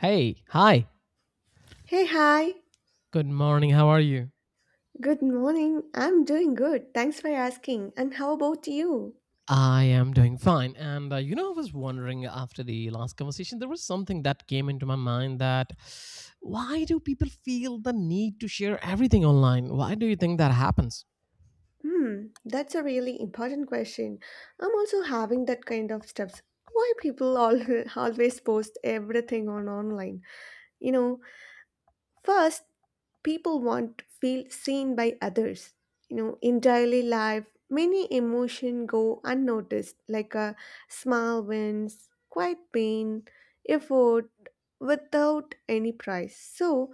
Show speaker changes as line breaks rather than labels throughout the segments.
Hey, hi.
Hey, hi.
Good morning. How are you?
Good morning. I'm doing good. Thanks for asking. And how about you?
I am doing fine. I was wondering after the last conversation, there was something that came into my mind that why do people feel the need to share everything online? Why do you think that happens?
Hmm, that's a really important question. I'm also having that kind of stuff. Why people all, always post everything on online? You know, first, people want to feel seen by others. You know, in daily life, many emotion go unnoticed, like a small wins, quiet pain, effort, without any price. So,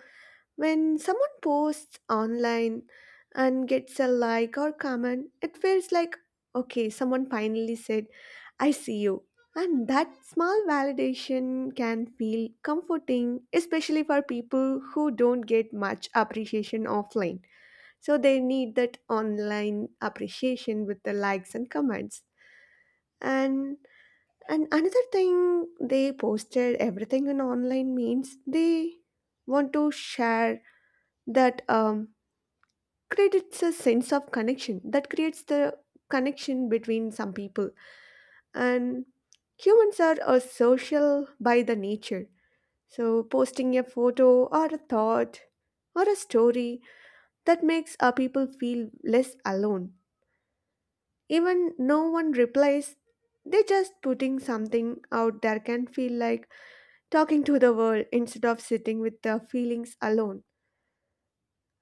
when someone posts online and gets a like or comment, it feels like, okay, someone finally said, I see you. And that small validation can feel comforting, especially for people who don't get much appreciation offline. So they need that online appreciation with the likes and comments. And and another thing, they posted everything in online means they want to share that creates a sense of connection, that creates the connection between some people, and humans are a social by the nature, so posting a photo or a thought or a story that makes our people feel less alone. Even no one replies, they just putting something out there can feel like talking to the world instead of sitting with their feelings alone.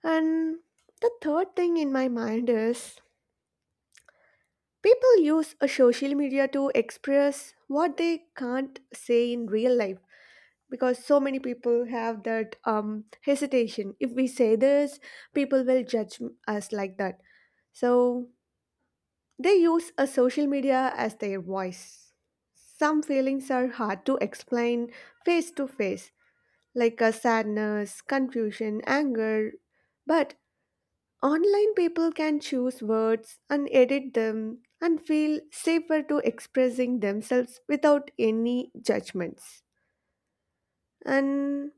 And the third thing in my mind is, people use a social media to express what they can't say in real life, because so many people have that hesitation. If we say this, people will judge us, like that. So they use a social media as their voice. Some feelings are hard to explain face to face, like a sadness, confusion, anger. But online, people can choose words and edit them and feel safer to expressing themselves without any judgments. And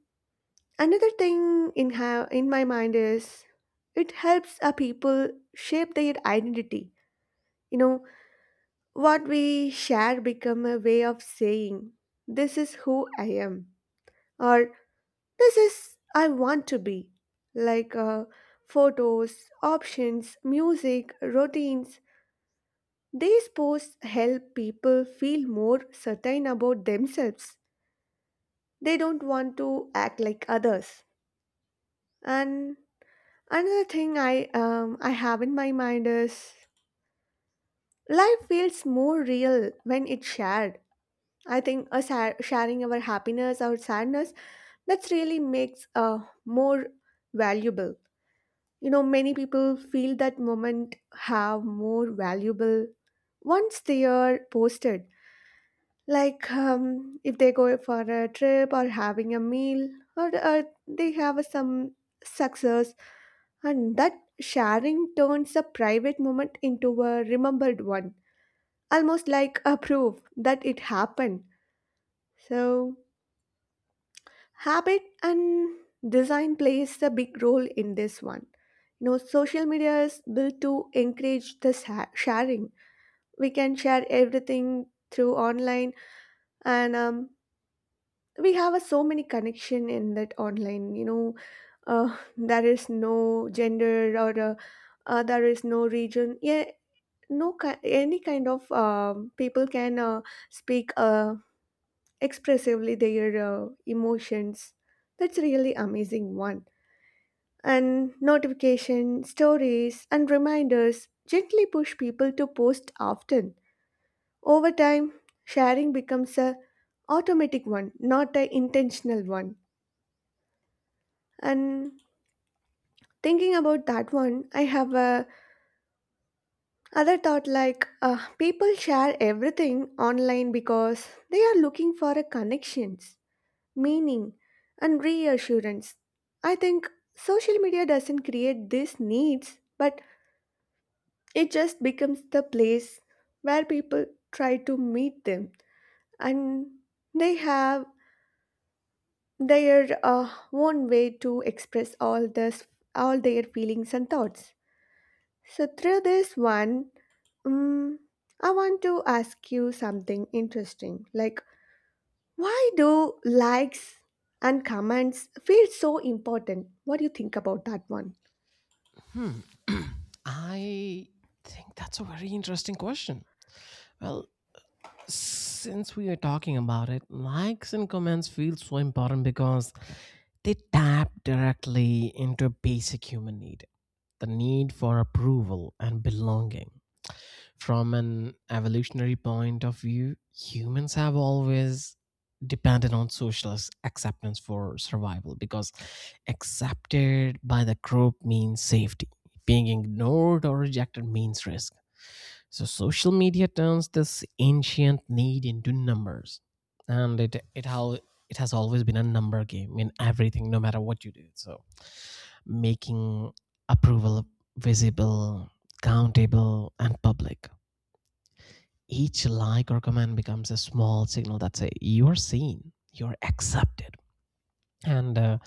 another thing in my mind is, it helps a people shape their identity. You know, what we share become a way of saying this is who I am, or this is I want to be. Like photos, options, music, routines. These posts help people feel more certain about themselves. They don't want to act like others. And another thing I have in my mind is, life feels more real when it's shared. I think us sharing our happiness or sadness, that's really makes more valuable. You know, many people feel that moment have more valuable once they are posted, like if they go for a trip or having a meal, or they have some success, and that sharing turns a private moment into a remembered one, almost like a proof that it happened. So habit and design plays a big role in this one. You know, social media is built to encourage this sharing. We can share everything through online, and we have a, so many connection in that online, you know. There is no gender, or there is no region, yeah, no any kind of, people can speak expressively their emotions. That's really amazing one. And notification stories and reminders gently push people to post often. Over time, sharing becomes a automatic one, not an intentional one. And thinking about that one, I have a other thought, like people share everything online because they are looking for a connections, meaning, and reassurance. I think social media doesn't create these needs, but it just becomes the place where people try to meet them, and they have their own way to express all this, all their feelings and thoughts. So, through this one, um, I want to ask you something interesting. Like, why do likes and comments feel so important? What do you think about that one?
Hmm. I think that's a very interesting question. Well, since we are talking about it, likes and comments feel so important because they tap directly into a basic human need, the need for approval and belonging. From an evolutionary point of view, humans have always depended on acceptance for survival because accepted by the group means safety. Being ignored or rejected means risk, so social media turns this ancient need into numbers, and it how it has always been a number game in everything, no matter what you do. So making approval visible, countable, and public. Each like or comment becomes a small signal that say you are seen, you are accepted. And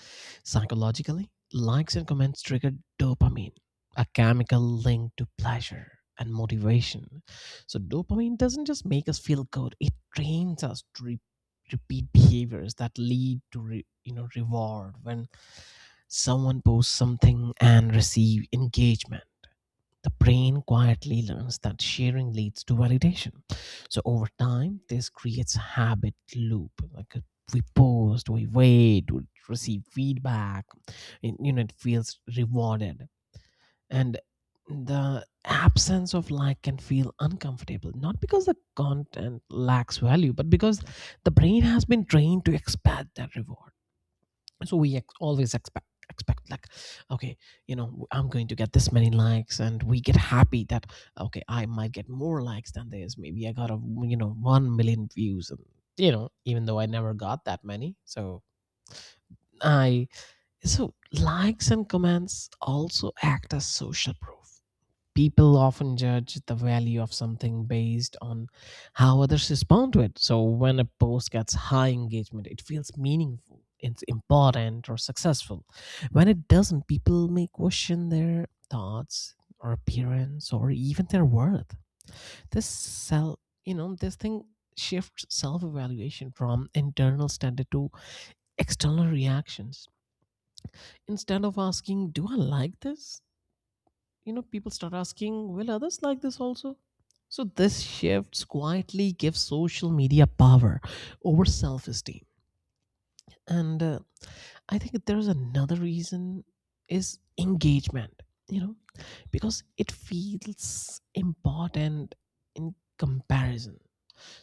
Psychologically, likes and comments trigger dopamine, a chemical linked to pleasure and motivation. So dopamine doesn't just make us feel good, it trains us to repeat behaviors that lead to reward. When someone posts something and receive engagement, the brain quietly learns that sharing leads to validation. So over time, this creates a habit loop. We post, we wait, we receive feedback. It feels rewarded, and the absence of like can feel uncomfortable. Not because the content lacks value, but because the brain has been trained to expect that reward. So we always expect like, okay, you know, I'm going to get this many likes, and we get happy that, okay, I might get more likes than this. Maybe I got, a you know 1 million views, and you know, even though I never got that many. So i so likes and comments also act as social proof. People often judge the value of something based on how others respond to it. So when a post gets high engagement, it feels meaningful, it's important or successful. When it doesn't, people may question their thoughts or appearance or even their worth. This thing shifts self-evaluation from internal standard to external reactions. Instead of asking, do I like this? You know, people start asking, will others like this also. So this shifts quietly gives social media power over self-esteem. And uh, i think there's another reason is engagement, you know, because it feels important in comparison.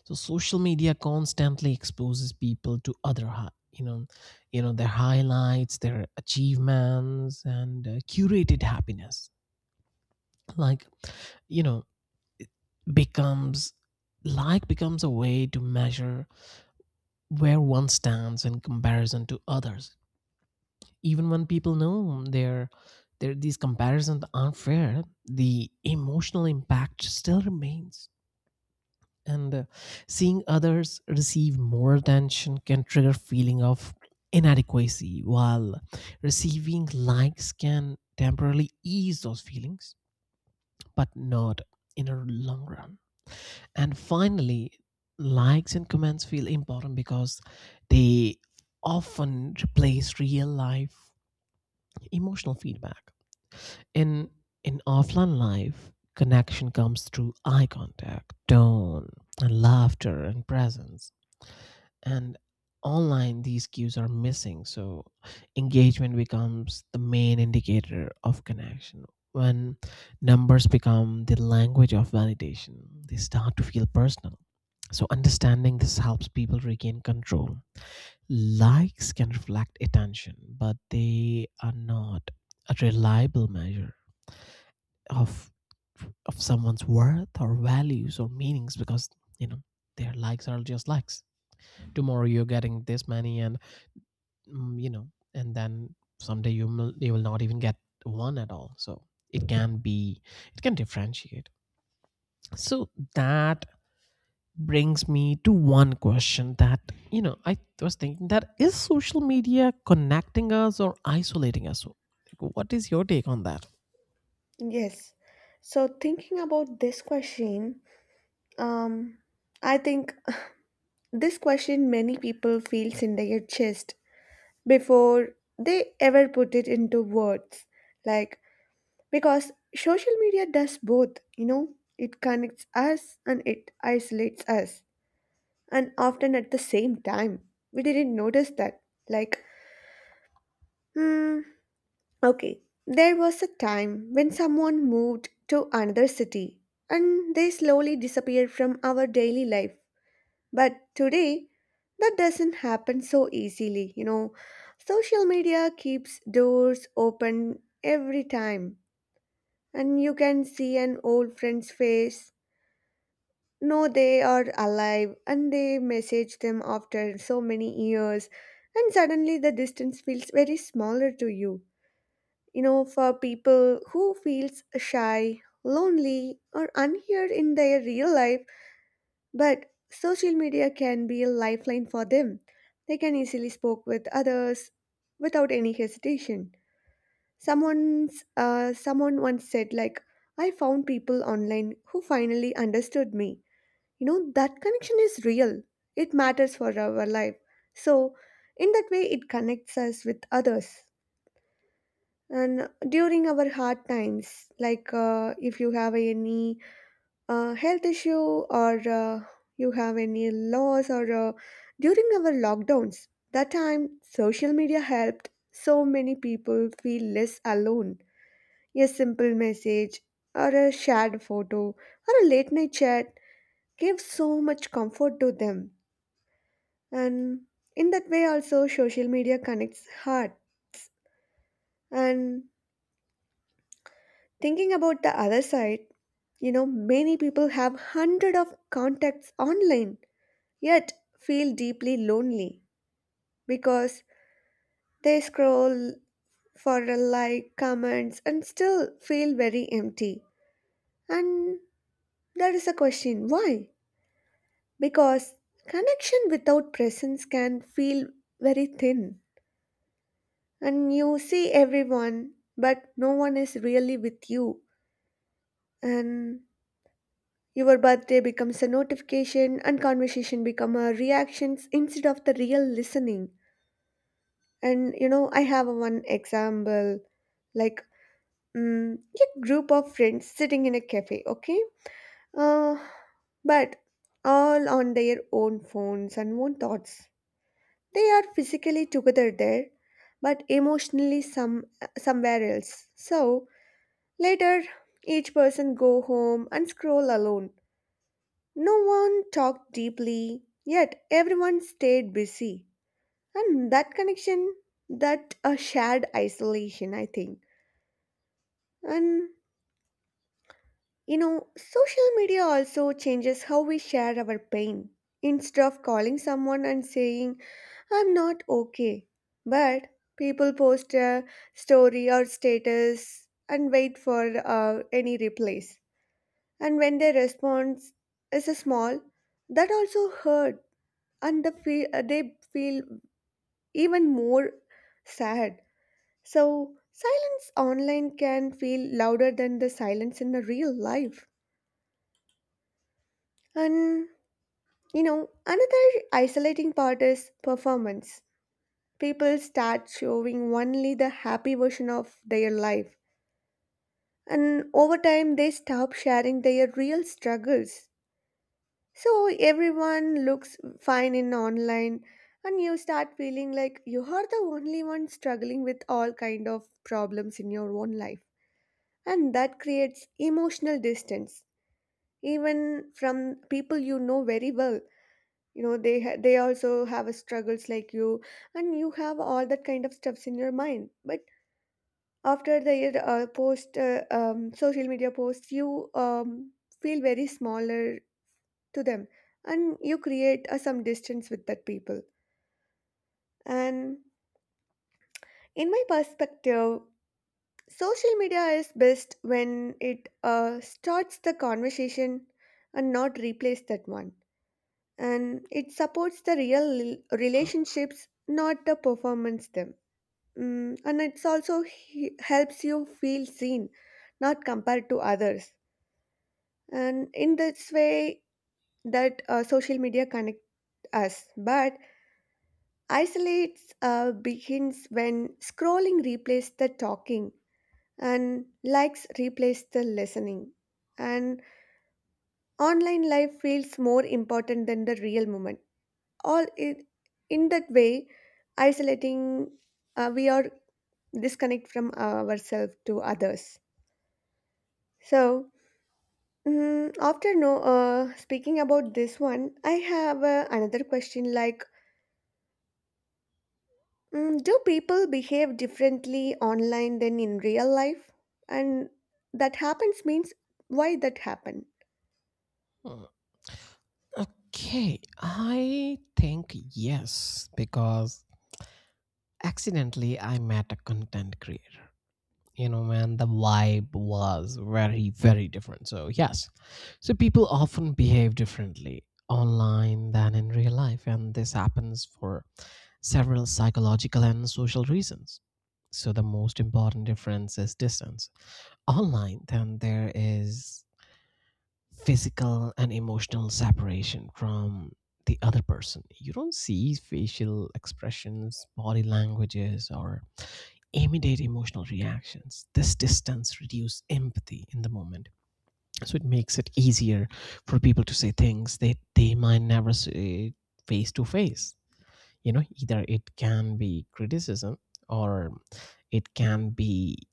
So social media constantly exposes people to other hi- you know their highlights, their achievements, and curated happiness. Like you know it becomes like becomes a way to measure where one stands in comparison to others. Even when people know their these comparisons aren't fair, the emotional impact still remains. And Seeing others receive more attention can trigger a feeling of inadequacy, while receiving likes can temporarily ease those feelings, but not in a long run. And finally, likes and comments feel important because they often replace real life emotional feedback. In in offline life, connection comes through eye contact, tone, and laughter and presence. And online these cues are missing, so engagement becomes the main indicator of connection. When numbers become the language of validation, they start to feel personal. So understanding this helps people regain control. Likes can reflect attention, but they are not a reliable measure of of someone's worth or values or meanings. Because you know, their likes are just likes. Tomorrow you're getting this many, and you know, and then someday you will, you will not even get one at all. So it can be, it can differentiate. So that brings me to one question, that you know, I was thinking, that is social media connecting us or isolating us? So, like, what is your take on that?
Yes. So thinking about this question, um, I think this question many people feels in their chest before they ever put it into words. Like, because social media does both, you know, it connects us and it isolates us, and often at the same time. We didn't notice that. Like, hmm, okay, there was a time when someone moved to another city and they slowly disappeared from our daily life. But today, that doesn't happen so easily, you know. Social media keeps doors open every time, and you can see an old friend's face. No, they are alive, and they message them after so many years, and suddenly the distance feels very smaller to you. You know, for people who feels shy, lonely, or unheard in their real life, but social media can be a lifeline for them. They can easily spoke with others without any hesitation. Someone's, someone once said, like, "I found people online who finally understood me." You know, that connection is real, it matters for our life. So in that way, it connects us with others. And during our hard times, like if you have any health issue, or you have any loss, or during our lockdowns, that time social media helped so many people feel less alone. A simple message, or a shared photo, or a late night chat gave so much comfort to them. And in that way, also, social media connects hearts. And thinking about the other side, you know, many people have hundred of contacts online, yet feel deeply lonely, because they scroll for a like, comments, and still feel very empty. And there is a question, why? Because connection without presence can feel very thin, and you see everyone, but no one is really with you. And your birthday becomes a notification, and conversation become a reactions instead of the real listening. And you know, I have a one example, like mm, a group of friends sitting in a cafe, okay? Uh, but all on their own phones and own thoughts. They are physically together there, but emotionally somewhere else. So later, each person go home and scroll alone. No one talked deeply, yet everyone stayed busy. And that connection, that a shared isolation, I think. And you know, social media also changes how we share our pain. Instead of calling someone and saying, I'm not okay, but people post a story or status and wait for any replies. And when their response is small, that also hurt, and they feel even more sad. So silence online can feel louder than the silence in the real life. And you know, another isolating part is performance. People start showing only the happy version of their life, and over time they stop sharing their real struggles. So everyone looks fine in online, and you start feeling like you are the only one struggling with all kind of problems in your own life, and that creates emotional distance even from people you know very well. You know, they also have a struggles like you, and you have all that kind of stuffs in your mind, but after the post, social media posts, you feel very smaller to them, and you create a, some distance with that people. And in my perspective, social media is best when it starts the conversation and not replace that one, and it supports the real relationships, not the performance them. Mm, and it's also helps you feel seen, not compared to others. And in this way, that social media connect us, but isolates begins when scrolling replaces the talking, and likes replace the listening. And online life feels more important than the real moment. All i- in that way, isolating, we are disconnect from ourselves to others. So, after no, speaking about this one, I have another question, like, do people behave differently online than in real life? And that happens means, why that happened.
Hmm. Okay, I think yes, because accidentally I met a content creator. You know, man, the vibe was very, very different. So, yes. So, people often behave differently online than in real life, and this happens for several psychological and social reasons. So, the most important difference is distance. Online, then there is physical and emotional separation from the other person. You don't see facial expressions, body languages, or immediate emotional reactions. This distance reduces empathy in the moment. So it makes it easier for people to say things that they might never say face to face. You know, either it can be criticism or it can be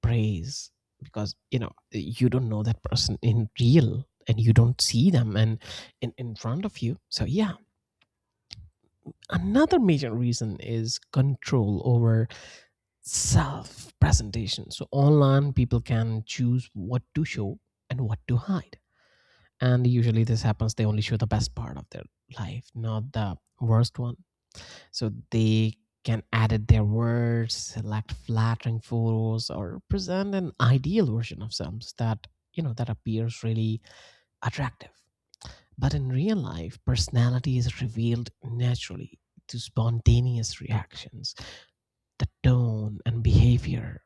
praise, because you know you don't know that person in real and you don't see them and in front of you, so yeah. Another major reason is control over self presentation. So online people can choose what to show and what to hide, and usually this happens they only show the best part of their life, not the worst one. So they can edit their words, select flattering photos, or present an ideal version of themselves that, you know, that appears really attractive. But in real life, personality is revealed naturally to spontaneous reactions, the tone and behavior.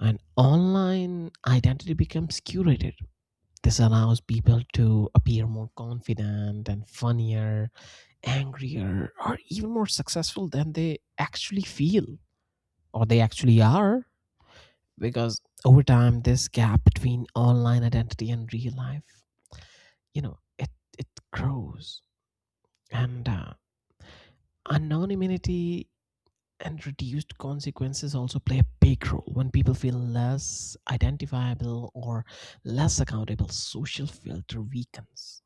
And online identity becomes curated. This allows people to appear more confident and funnier, angrier, or even more successful than they actually feel, or they actually are. Because over time this gap between online identity and real life, you know, it grows. And Anonymity and reduced consequences also play a big role. When people feel less identifiable or less accountable, social filter weakens.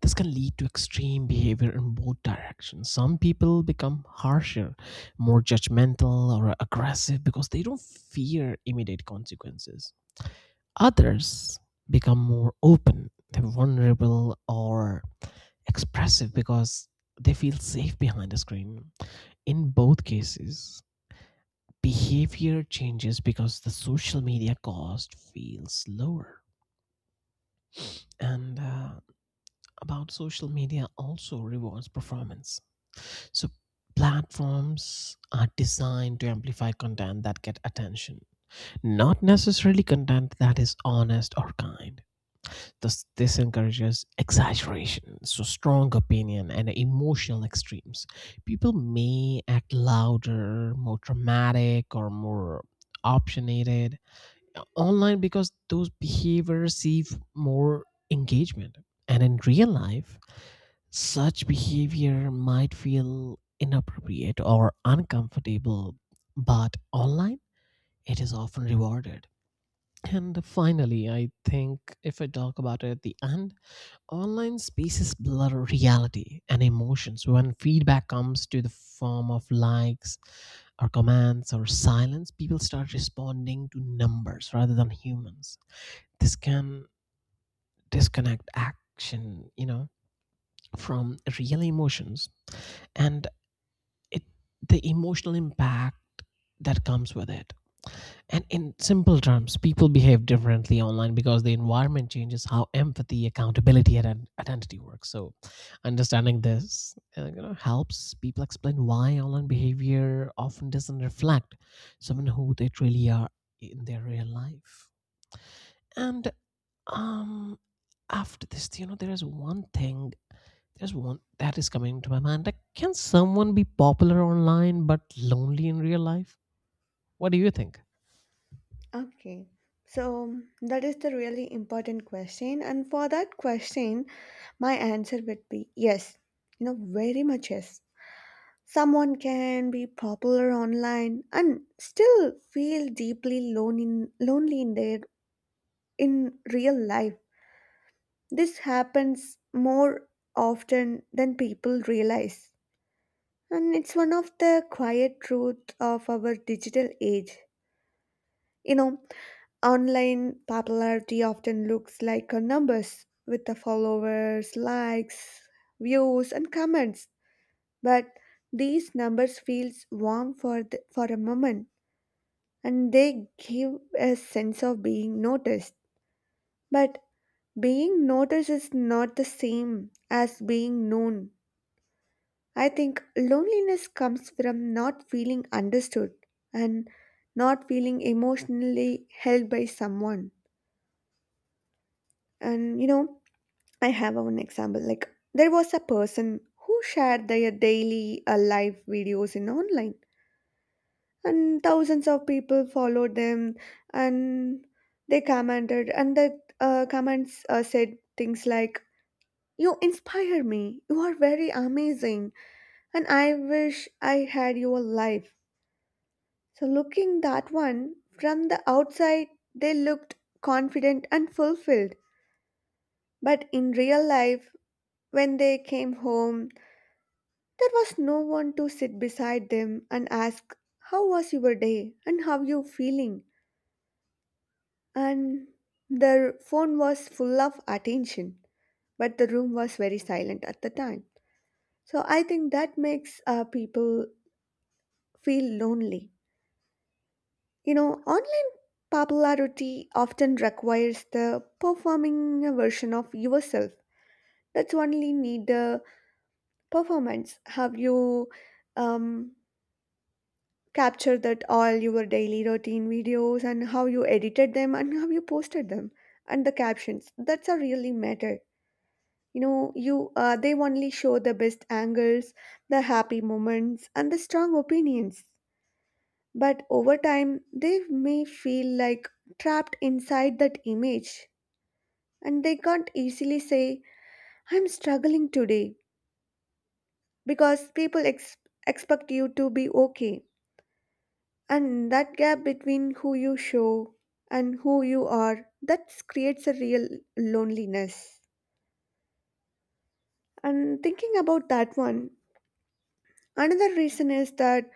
This can lead to extreme behavior in both directions. Some people become harsher, more judgmental or aggressive because they don't fear immediate consequences. Others become more open, they're vulnerable or expressive because they feel safe behind a screen. In both cases, behavior changes because the social media cost feels lower. And About social media also rewards performance. So platforms are designed to amplify content that get attention, not necessarily content that is honest or kind. This encourages exaggeration, so strong opinion, and emotional extremes. People may act louder, more dramatic, or more opinionated online because those behaviors receive more engagement. And in real life, such behavior might feel inappropriate or uncomfortable, but online, it is often rewarded. And finally, I think if I talk about it at the end, online spaces blur reality and emotions. When feedback comes to the form of likes or comments or silence, people start responding to numbers rather than humans. This can disconnect action, you know, from real emotions and it the emotional impact that comes with it. And in simple terms, people behave differently online because the environment changes how empathy, accountability, and identity works. So, understanding this, you know, helps people explain why online behavior often doesn't reflect someone who they truly are in their real life. And um, After this, you know, there's one that is coming to my mind, like, can someone be popular online but lonely in real life? What do you think?
Okay. So mm, that is the really important question. And for that question, my answer would be yes. You know, very much yes. Someone can be popular online and still feel deeply lonely in their in real life. This happens more often than people realize. And it's one of the quiet truths of our digital age. You know, online popularity often looks like a numbers, with the followers, likes, views, and comments. But these numbers feels warm for for a moment, and they give a sense of being noticed. But being noticed is not the same as being known. I think loneliness comes from not feeling understood, and not feeling emotionally held by someone. And you know, I have one example. Like, there was a person who shared their daily live videos in online, and thousands of people followed them, and they commented, and the comments said things like, "You inspire me. You are very amazing, and I wish I had your life." So, looking that one from the outside, they looked confident and fulfilled. But in real life, when they came home, there was no one to sit beside them and ask, how was your day and how you feeling? And their phone was full of attention, but the room was very silent at the time. So, I think that makes people feel lonely. You know, online popularity often requires the performing a version of yourself. That's only need the performance. Have you um, captured that all your daily routine videos and how you edited them and how you posted them and the captions? That's a really matter. You know, you they only show the best angles, the happy moments, and the strong opinions. But over time, they may feel like trapped inside that image and they can't easily say, I'm struggling today because expect you to be okay. And that gap between who you show and who you are, that creates a real loneliness. And thinking about that one, another reason is that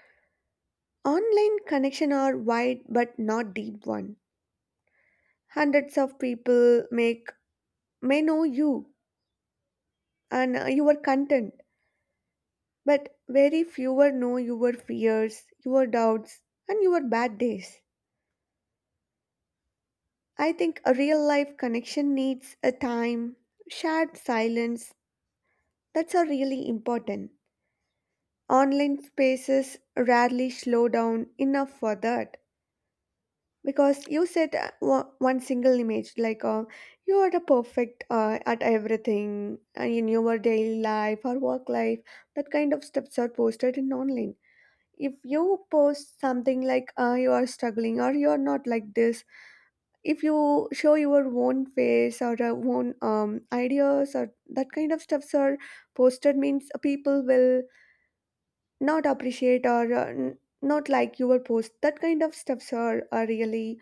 online connection are wide but not deep one. Hundreds of people make may know you and you were content. But very fewer know your fears, your doubts, and your bad days. I think a real life connection needs a time, shared silence. That's a really important. Online spaces rarely slow down enough for that. Because you said one single image, like you are the perfect at everything in your daily life or work life, that kind of steps are posted in online if you post something like you are struggling or you are not like this if you show your own face or own ideas or that kind of stuffs are posted means people will not appreciate or not like your post that kind of stuffs are really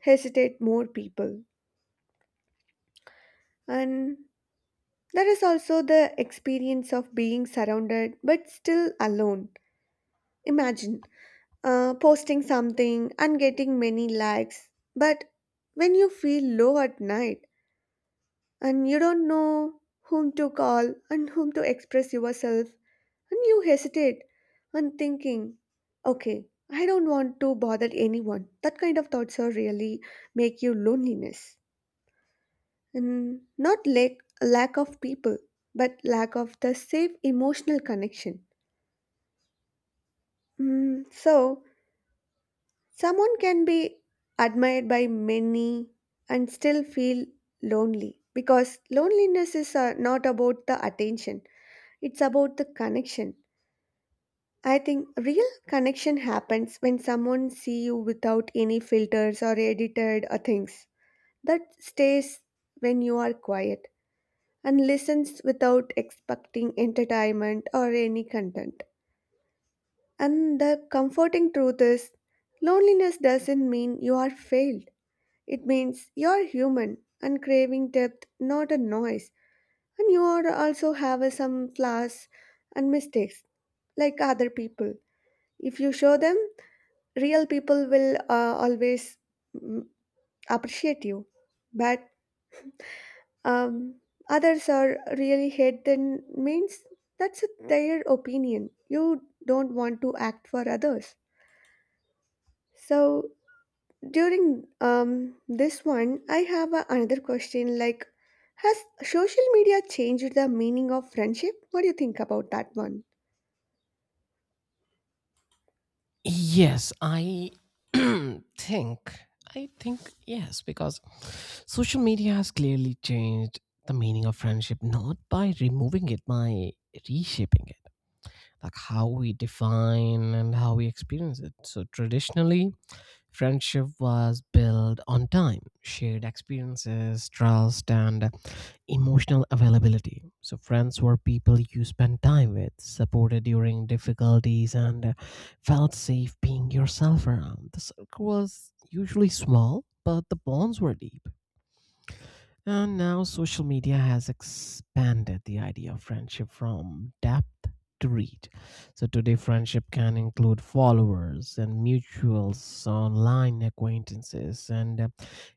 hesitate more people and there is also the experience of being surrounded but still alone imagine posting something and getting many likes. But when you feel low at night and you don't know whom to call and whom to express yourself, and you hesitate and thinking, okay, I don't want to bother anyone. That kind of thoughts are really make you loneliness. And not lack of people, but lack of the safe emotional connection. Mm, so, someone can be admired by many and still feel lonely because loneliness is not about the attention, it's about the connection. I think real connection happens when someone see you without any filters or edited things. That stays when you are quiet and listens without expecting entertainment or any content. And the comforting truth is loneliness doesn't mean you are failed. It means you're human and craving depth, not a noise, and you are also have a some flaws and mistakes like other people. If you show them, real people will always mm, appreciate you. But um, others are really hate, then means that's a, their opinion. You don't want to act for others. So during this one, I have a, another question like, has social media changed the meaning of friendship? What do you think about that one?
Yes, I think I think yes, because social media has clearly changed the meaning of friendship, not by removing it, by reshaping it, like how we define and how we experience it. So traditionally, friendship was built on time, shared experiences, trust, and emotional availability. So friends were people you spent time with, supported during difficulties, and felt safe being yourself around. The circle was usually small, but the bonds were deep. And now social media has expanded the idea of friendship from depth to reach. So today, friendship can include followers and mutuals, online acquaintances, and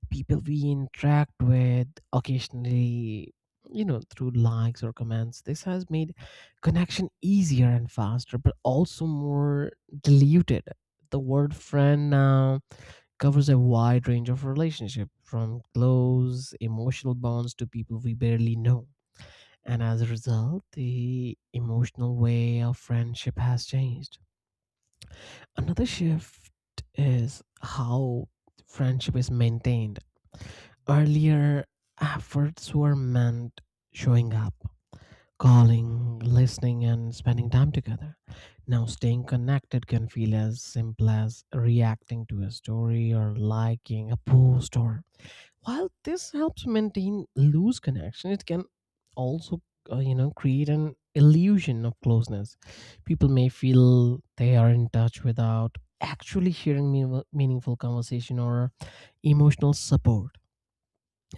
people we interact with occasionally, you know, through likes or comments. This has made connection easier and faster, but also more diluted. The word friend now covers a wide range of relationships, from close emotional bonds to people we barely know. And as a result, the emotional way of friendship has changed. Another shift is how friendship is maintained. Earlier, efforts were meant showing up, calling, listening, and spending time together. Now, staying connected can feel as simple as reacting to a story or liking a post. Or while this helps maintain loose connection, it can also, you know, create an illusion of closeness. People may feel they are in touch without actually sharing meaningful conversation or emotional support.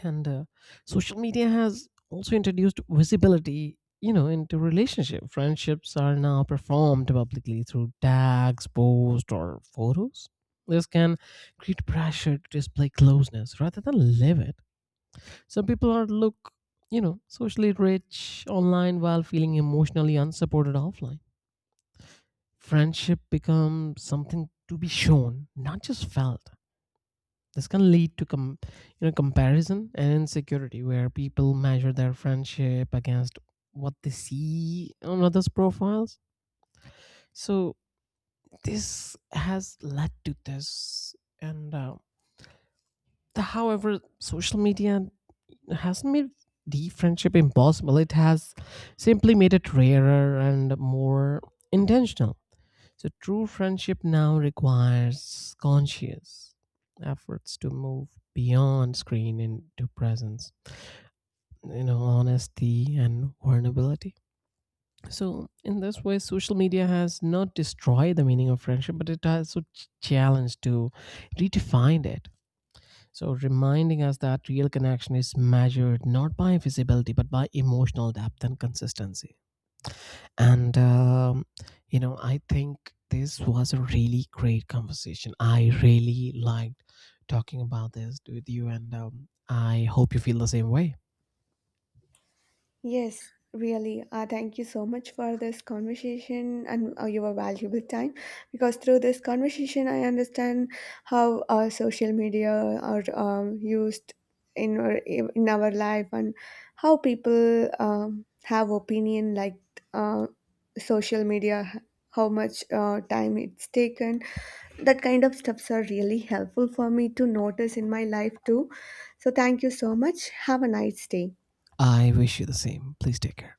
And Social media has also introduced visibility, you know, into relationship. Friendships are now performed publicly through tags, posts, or photos. This can create pressure to display closeness rather than live it. Some people are look, you know, socially rich online while feeling emotionally unsupported offline. Friendship becomes something to be shown, not just felt. This can lead to you know, comparison and insecurity, where people measure their friendship against what they see on others' profiles. So this has led to this, and uh, however, social media hasn't made deep friendship impossible. It has simply made it rarer and more intentional. So true friendship now requires conscious efforts to move beyond screen into presence, you know, honesty and vulnerability. So in this way, social media has not destroyed the meaning of friendship, but it has also challenged to redefine it. So, reminding us that real connection is measured not by visibility but by emotional depth and consistency. And, um, you know, I think this was a really great conversation. I really liked talking about this with you, and I hope you feel the same way.
Yes, really. Thank you so much for this conversation and your valuable time. Because through this conversation, I understand how social media are used in in our life and how people have opinion like uh, social media, how much time it's taken. That kind of stuffs are really helpful for me to notice in my life too. So thank you so much. Have a nice day.
I wish you the same. Please take care.